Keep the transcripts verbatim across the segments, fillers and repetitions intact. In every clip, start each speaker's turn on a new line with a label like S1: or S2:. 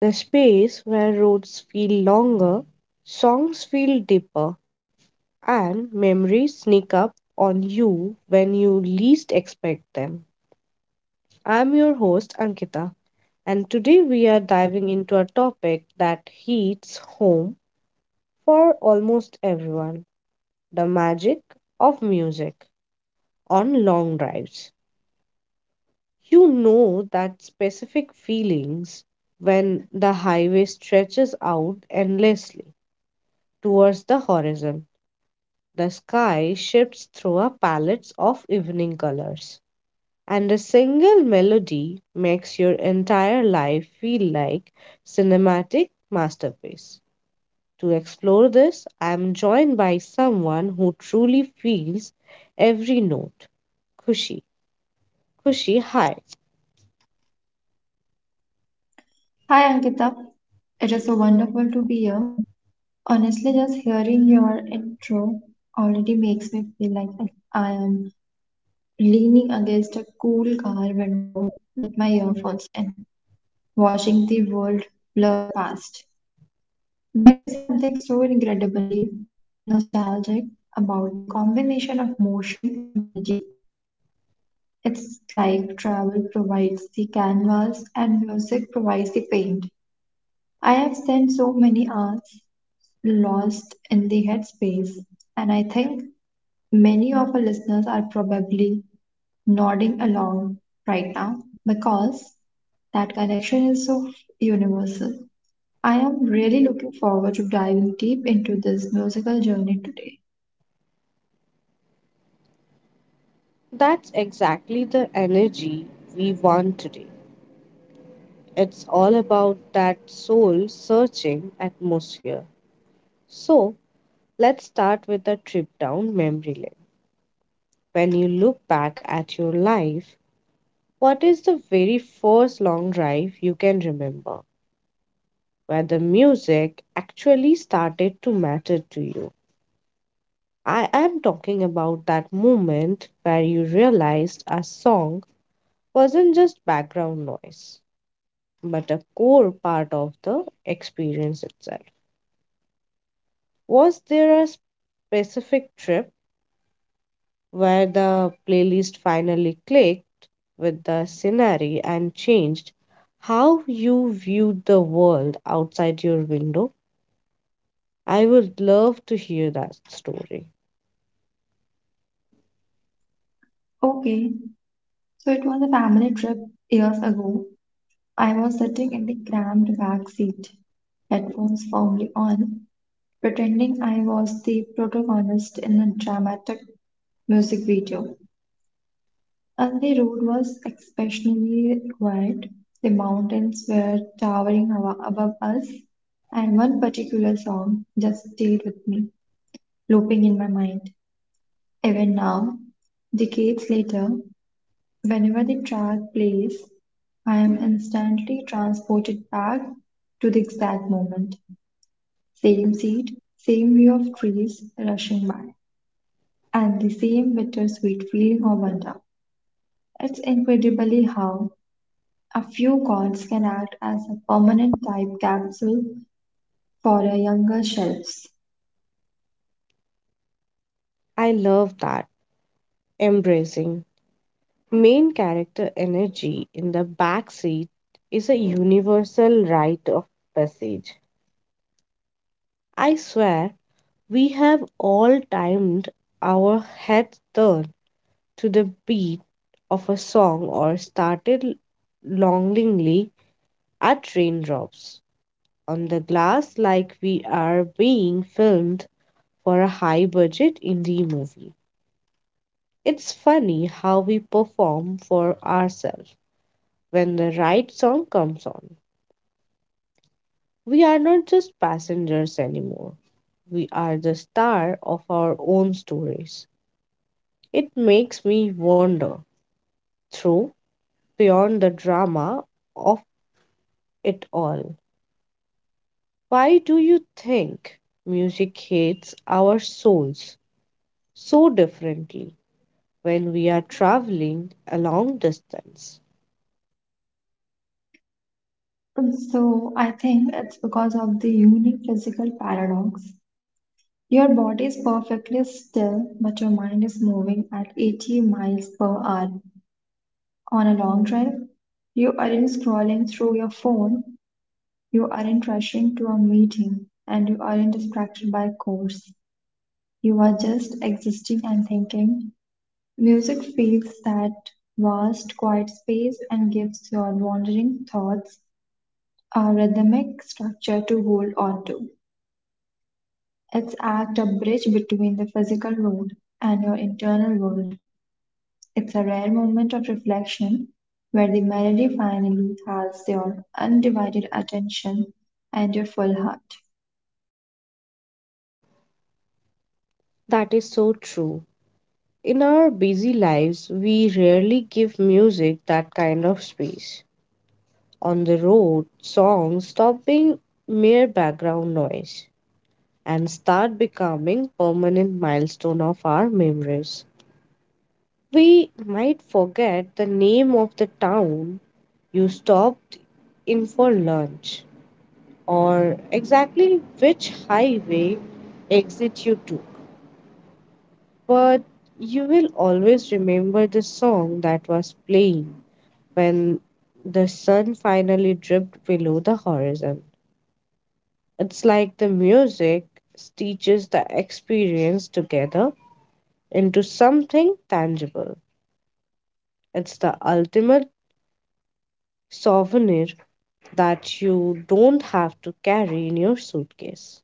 S1: the space where roads feel longer, songs feel deeper, and memories sneak up on you when you least expect them. I'm your host, Ankita, and today we are diving into a topic that hits home for almost everyone: the magic of music on long drives. You know that specific feelings when the highway stretches out endlessly towards the horizon. The sky shifts through a palette of evening colors, and a single melody makes your entire life feel like cinematic masterpiece. To explore this, I am joined by someone who truly feels every note. Kushi, Kushi, hi.
S2: Hi Ankita, it is so wonderful to be here. Honestly, just hearing your intro already makes me feel like I am leaning against a cool car window with my earphones in, watching the world blur past. There is something so incredibly nostalgic about the combination of motion and melody. It's like travel provides the canvas and music provides the paint. I have spent so many hours lost in the headspace, and I think many of our listeners are probably nodding along right now because that connection is so universal. I am really looking forward to diving deep into this musical journey today.
S1: That's exactly the energy we want today. It's all about that soul searching atmosphere. So, let's start with a trip down memory lane. When you look back at your life, what is the very first long drive you can remember where the music actually started to matter to you? I am talking about that moment where you realized a song wasn't just background noise but a core part of the experience itself. Was there a specific trip where the playlist finally clicked with the scenery and changed how you viewed the world outside your window? I would love to hear that story.
S2: Okay, so it was a family trip years ago. I was sitting in the cramped back seat, headphones firmly on, pretending I was the protagonist in a dramatic music video. As the road was exceptionally wide, the mountains were towering abo- above us, and one particular song just stayed with me, looping in my mind. Even now, decades later, whenever the track plays, I am instantly transported back to the exact moment. Same seat, same view of trees rushing by, and the same bittersweet feeling of wonder. It's incredibly how a few corns can act as a permanent type capsule for a younger shells.
S1: I love that. Embracing. Main character energy in the backseat is a universal rite of passage. I swear we have all timed our heads turned to the beat of a song or started longingly at raindrops on the glass like we are being filmed for a high budget indie movie. It's funny how we perform for ourselves when the right song comes on. We are not just passengers anymore. We are the star of our own stories. It makes me wander through beyond the drama of it all. Why do you think music hits our souls so differently when we are traveling a long distance?
S2: So I think it's because of the unique physical paradox. Your body is perfectly still, but your mind is moving at eighty miles per hour on a long drive. You aren't scrolling through your phone, you aren't rushing to a meeting, and you aren't distracted by chores. You are just existing and thinking. Music fills that vast quiet space and gives your wandering thoughts a rhythmic structure to hold on to. It's act a bridge between the physical world and your internal world. It's a rare moment of reflection where the melody finally has your undivided attention and your full heart.
S1: That is so true. In our busy lives, we rarely give music that kind of space. On the road, songs stop being mere background noise and start becoming permanent milestone of our memories. We might forget the name of the town you stopped in for lunch or exactly which highway exit you took, but you will always remember the song that was playing when the sun finally dripped below the horizon. It's like the music stitches the experience together into something tangible. It's the ultimate souvenir that you don't have to carry in your suitcase,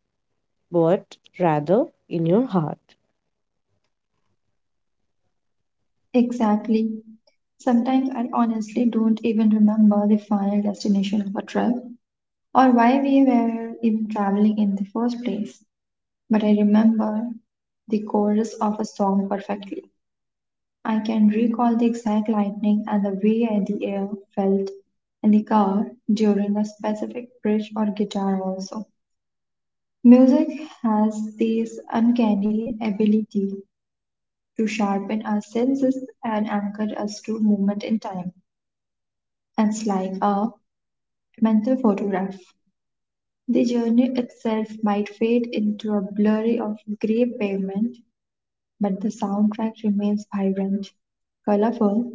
S1: but rather in your heart.
S2: Exactly. Sometimes I honestly don't even remember the final destination of a trip, or why we were even traveling in the first place, but I remember the chorus of a song perfectly. I can recall the exact lightning and the way the air felt in the car during a specific bridge or guitar also. Music has this uncanny ability to sharpen our senses and anchor us to moment in time. It's like a mental photograph. The journey itself might fade into a blurry of grey pavement, but the soundtrack remains vibrant, colorful,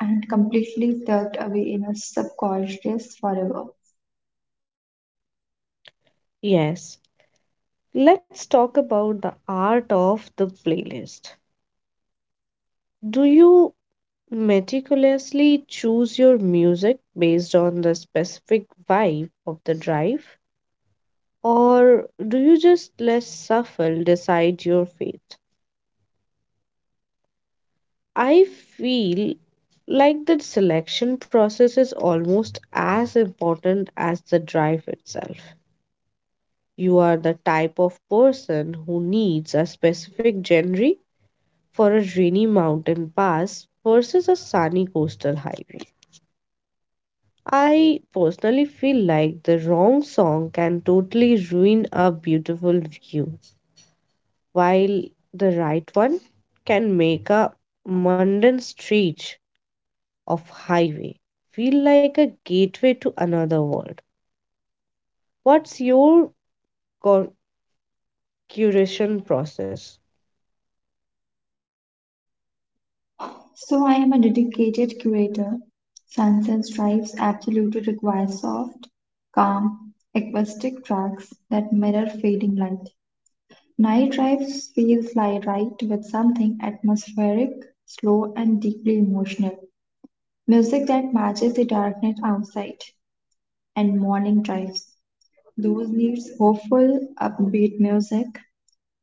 S2: and completely tucked away in a subconscious forever.
S1: Yes, let's talk about the art of the playlist. Do you meticulously choose your music based on the specific vibe of the drive? Or do you just let shuffle decide your fate? I feel like the selection process is almost as important as the drive itself. You are the type of person who needs a specific genre for a rainy mountain pass versus a sunny coastal highway. I personally feel like the wrong song can totally ruin a beautiful view, while the right one can make a mundane street of highway feel like a gateway to another world. What's your cur- curation process?
S2: So I am a dedicated curator. Sunset Stripes absolutely requires soft, calm, acoustic tracks that mirror fading light. Night Drives feels like right with something atmospheric, slow, and deeply emotional. Music that matches the darkness outside, and morning drives. Those needs hopeful, upbeat music,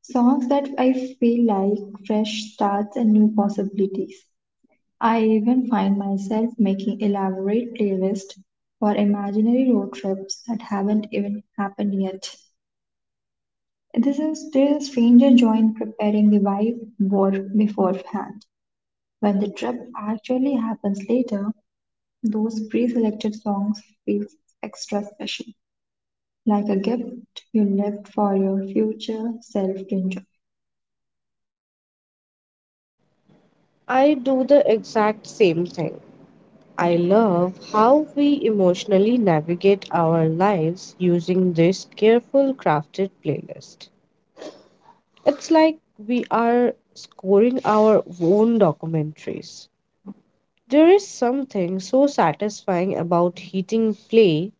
S2: songs that I feel like fresh starts and new possibilities. I even find myself making elaborate playlists for imaginary road trips that haven't even happened yet. This is still a stranger joy in preparing the vibe board beforehand. When the trip actually happens later, those pre-selected songs feel extra special, like a gift you left for your future self to enjoy.
S1: I do the exact same thing. I love how we emotionally navigate our lives using this careful crafted playlist. It's like we are scoring our own documentaries. There is something so satisfying about hitting play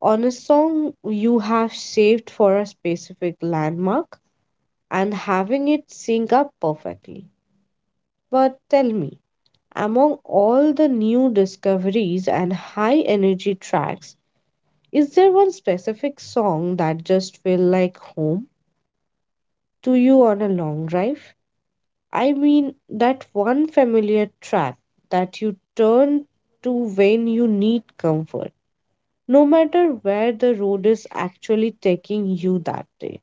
S1: on a song you have saved for a specific landmark and having it sync up perfectly. But tell me, among all the new discoveries and high energy tracks, is there one specific song that just feels like home to you on a long drive? I mean, that one familiar track that you turn to when you need comfort no matter where the road is actually taking you that day.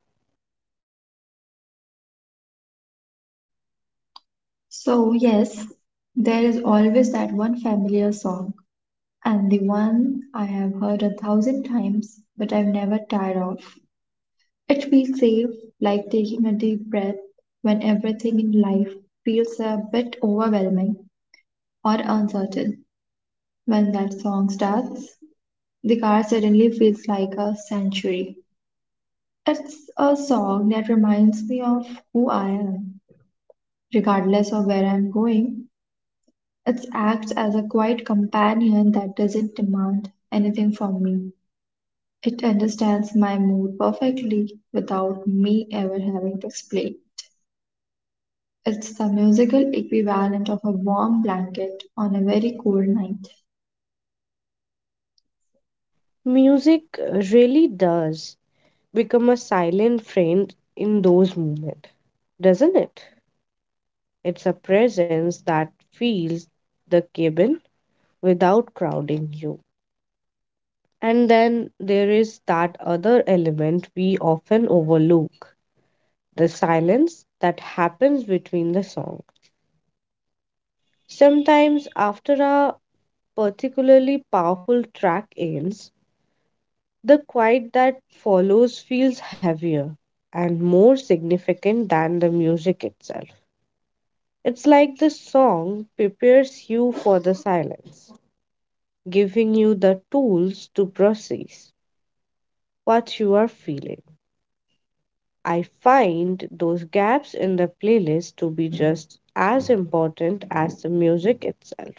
S2: So, yes, there is always that one familiar song, and the one I have heard a thousand times but I've never tired of. It feels safe, like taking a deep breath when everything in life feels a bit overwhelming or uncertain. When that song starts, the car suddenly feels like a sanctuary. It's a song that reminds me of who I am, regardless of where I'm going. It acts as a quiet companion that doesn't demand anything from me. It understands my mood perfectly without me ever having to explain it. It's the musical equivalent of a warm blanket on a very cold night.
S1: Music uh, really does become a silent friend in those moments, doesn't it? It's a presence that fills the cabin without crowding you. And then there is that other element we often overlook the silence that happens between the song. Sometimes, after a particularly powerful track ends, the quiet that follows feels heavier and more significant than the music itself. It's like the song prepares you for the silence, giving you the tools to process what you are feeling. I find those gaps in the playlist to be just as important as the music itself.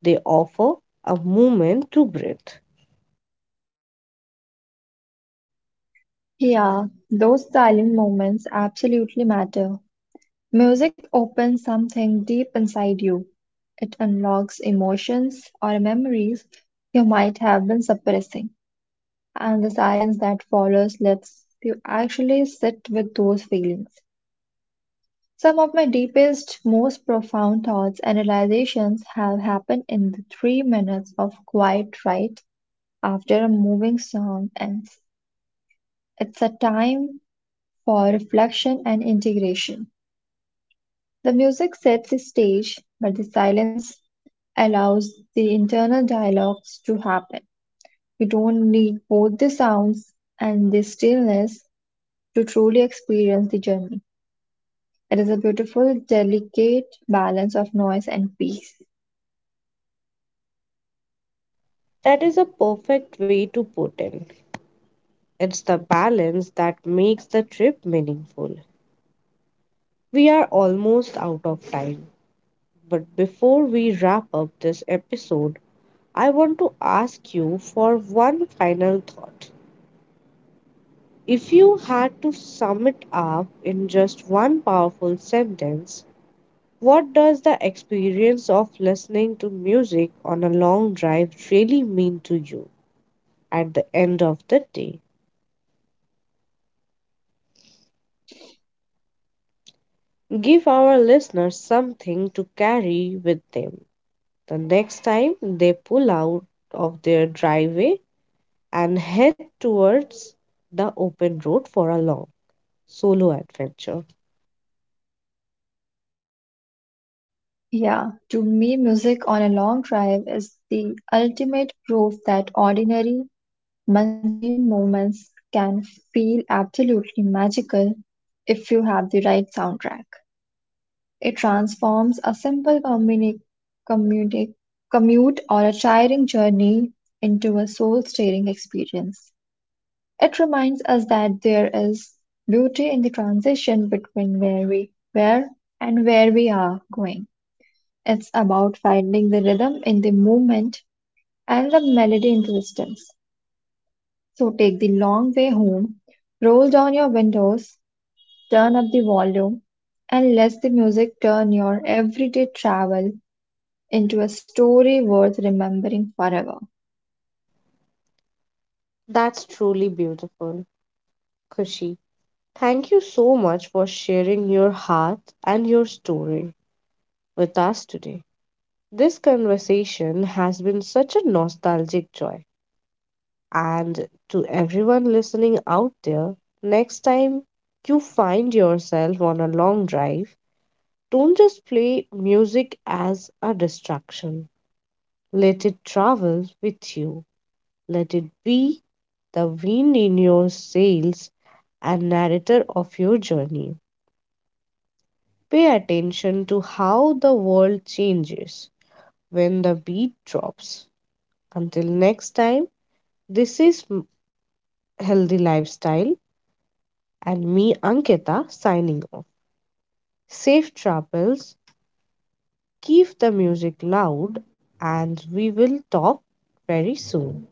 S1: They offer a moment to breathe.
S2: Yeah, those silent moments absolutely matter. Music opens something deep inside you. It unlocks emotions or memories you might have been suppressing, and the silence that follows lets you actually sit with those feelings. Some of my deepest, most profound thoughts and realizations have happened in the three minutes of quiet right after a moving song, ends. It's a time for reflection and integration. The music sets the stage, but the silence allows the internal dialogues to happen. You don't need both the sounds and the stillness to truly experience the journey. It is a beautiful, delicate balance of noise and peace.
S1: That is a perfect way to put it. It's the balance that makes the trip meaningful. We are almost out of time, but before we wrap up this episode, I want to ask you for one final thought. If you had to sum it up in just one powerful sentence, what does the experience of listening to music on a long drive really mean to you at the end of the day? Give our listeners something to carry with them. The next time they pull out of their driveway and head towards the open road for a long solo adventure.
S2: Yeah, to me, music on a long drive is the ultimate proof that ordinary, mundane moments can feel absolutely magical if you have the right soundtrack. It transforms a simple communi- commuti- commute or a tiring journey into a soul-stirring experience. It reminds us that there is beauty in the transition between where we were and where we are going. It's about finding the rhythm in the movement and the melody in the distance. So take the long way home, roll down your windows, turn up the volume, and let the music turn your everyday travel into a story worth remembering forever.
S1: That's truly beautiful, Kushi. Thank you so much for sharing your heart and your story with us today. This conversation has been such a nostalgic joy. And to everyone listening out there, next time you find yourself on a long drive, don't just play music as a distraction. Let it travel with you. Let it be the wind in your sails and narrator of your journey. Pay attention to how the world changes when the beat drops. Until next time, this is M- Healthy Lifestyle and me, Ankita, signing off. Safe travels, keep the music loud, and we will talk very soon.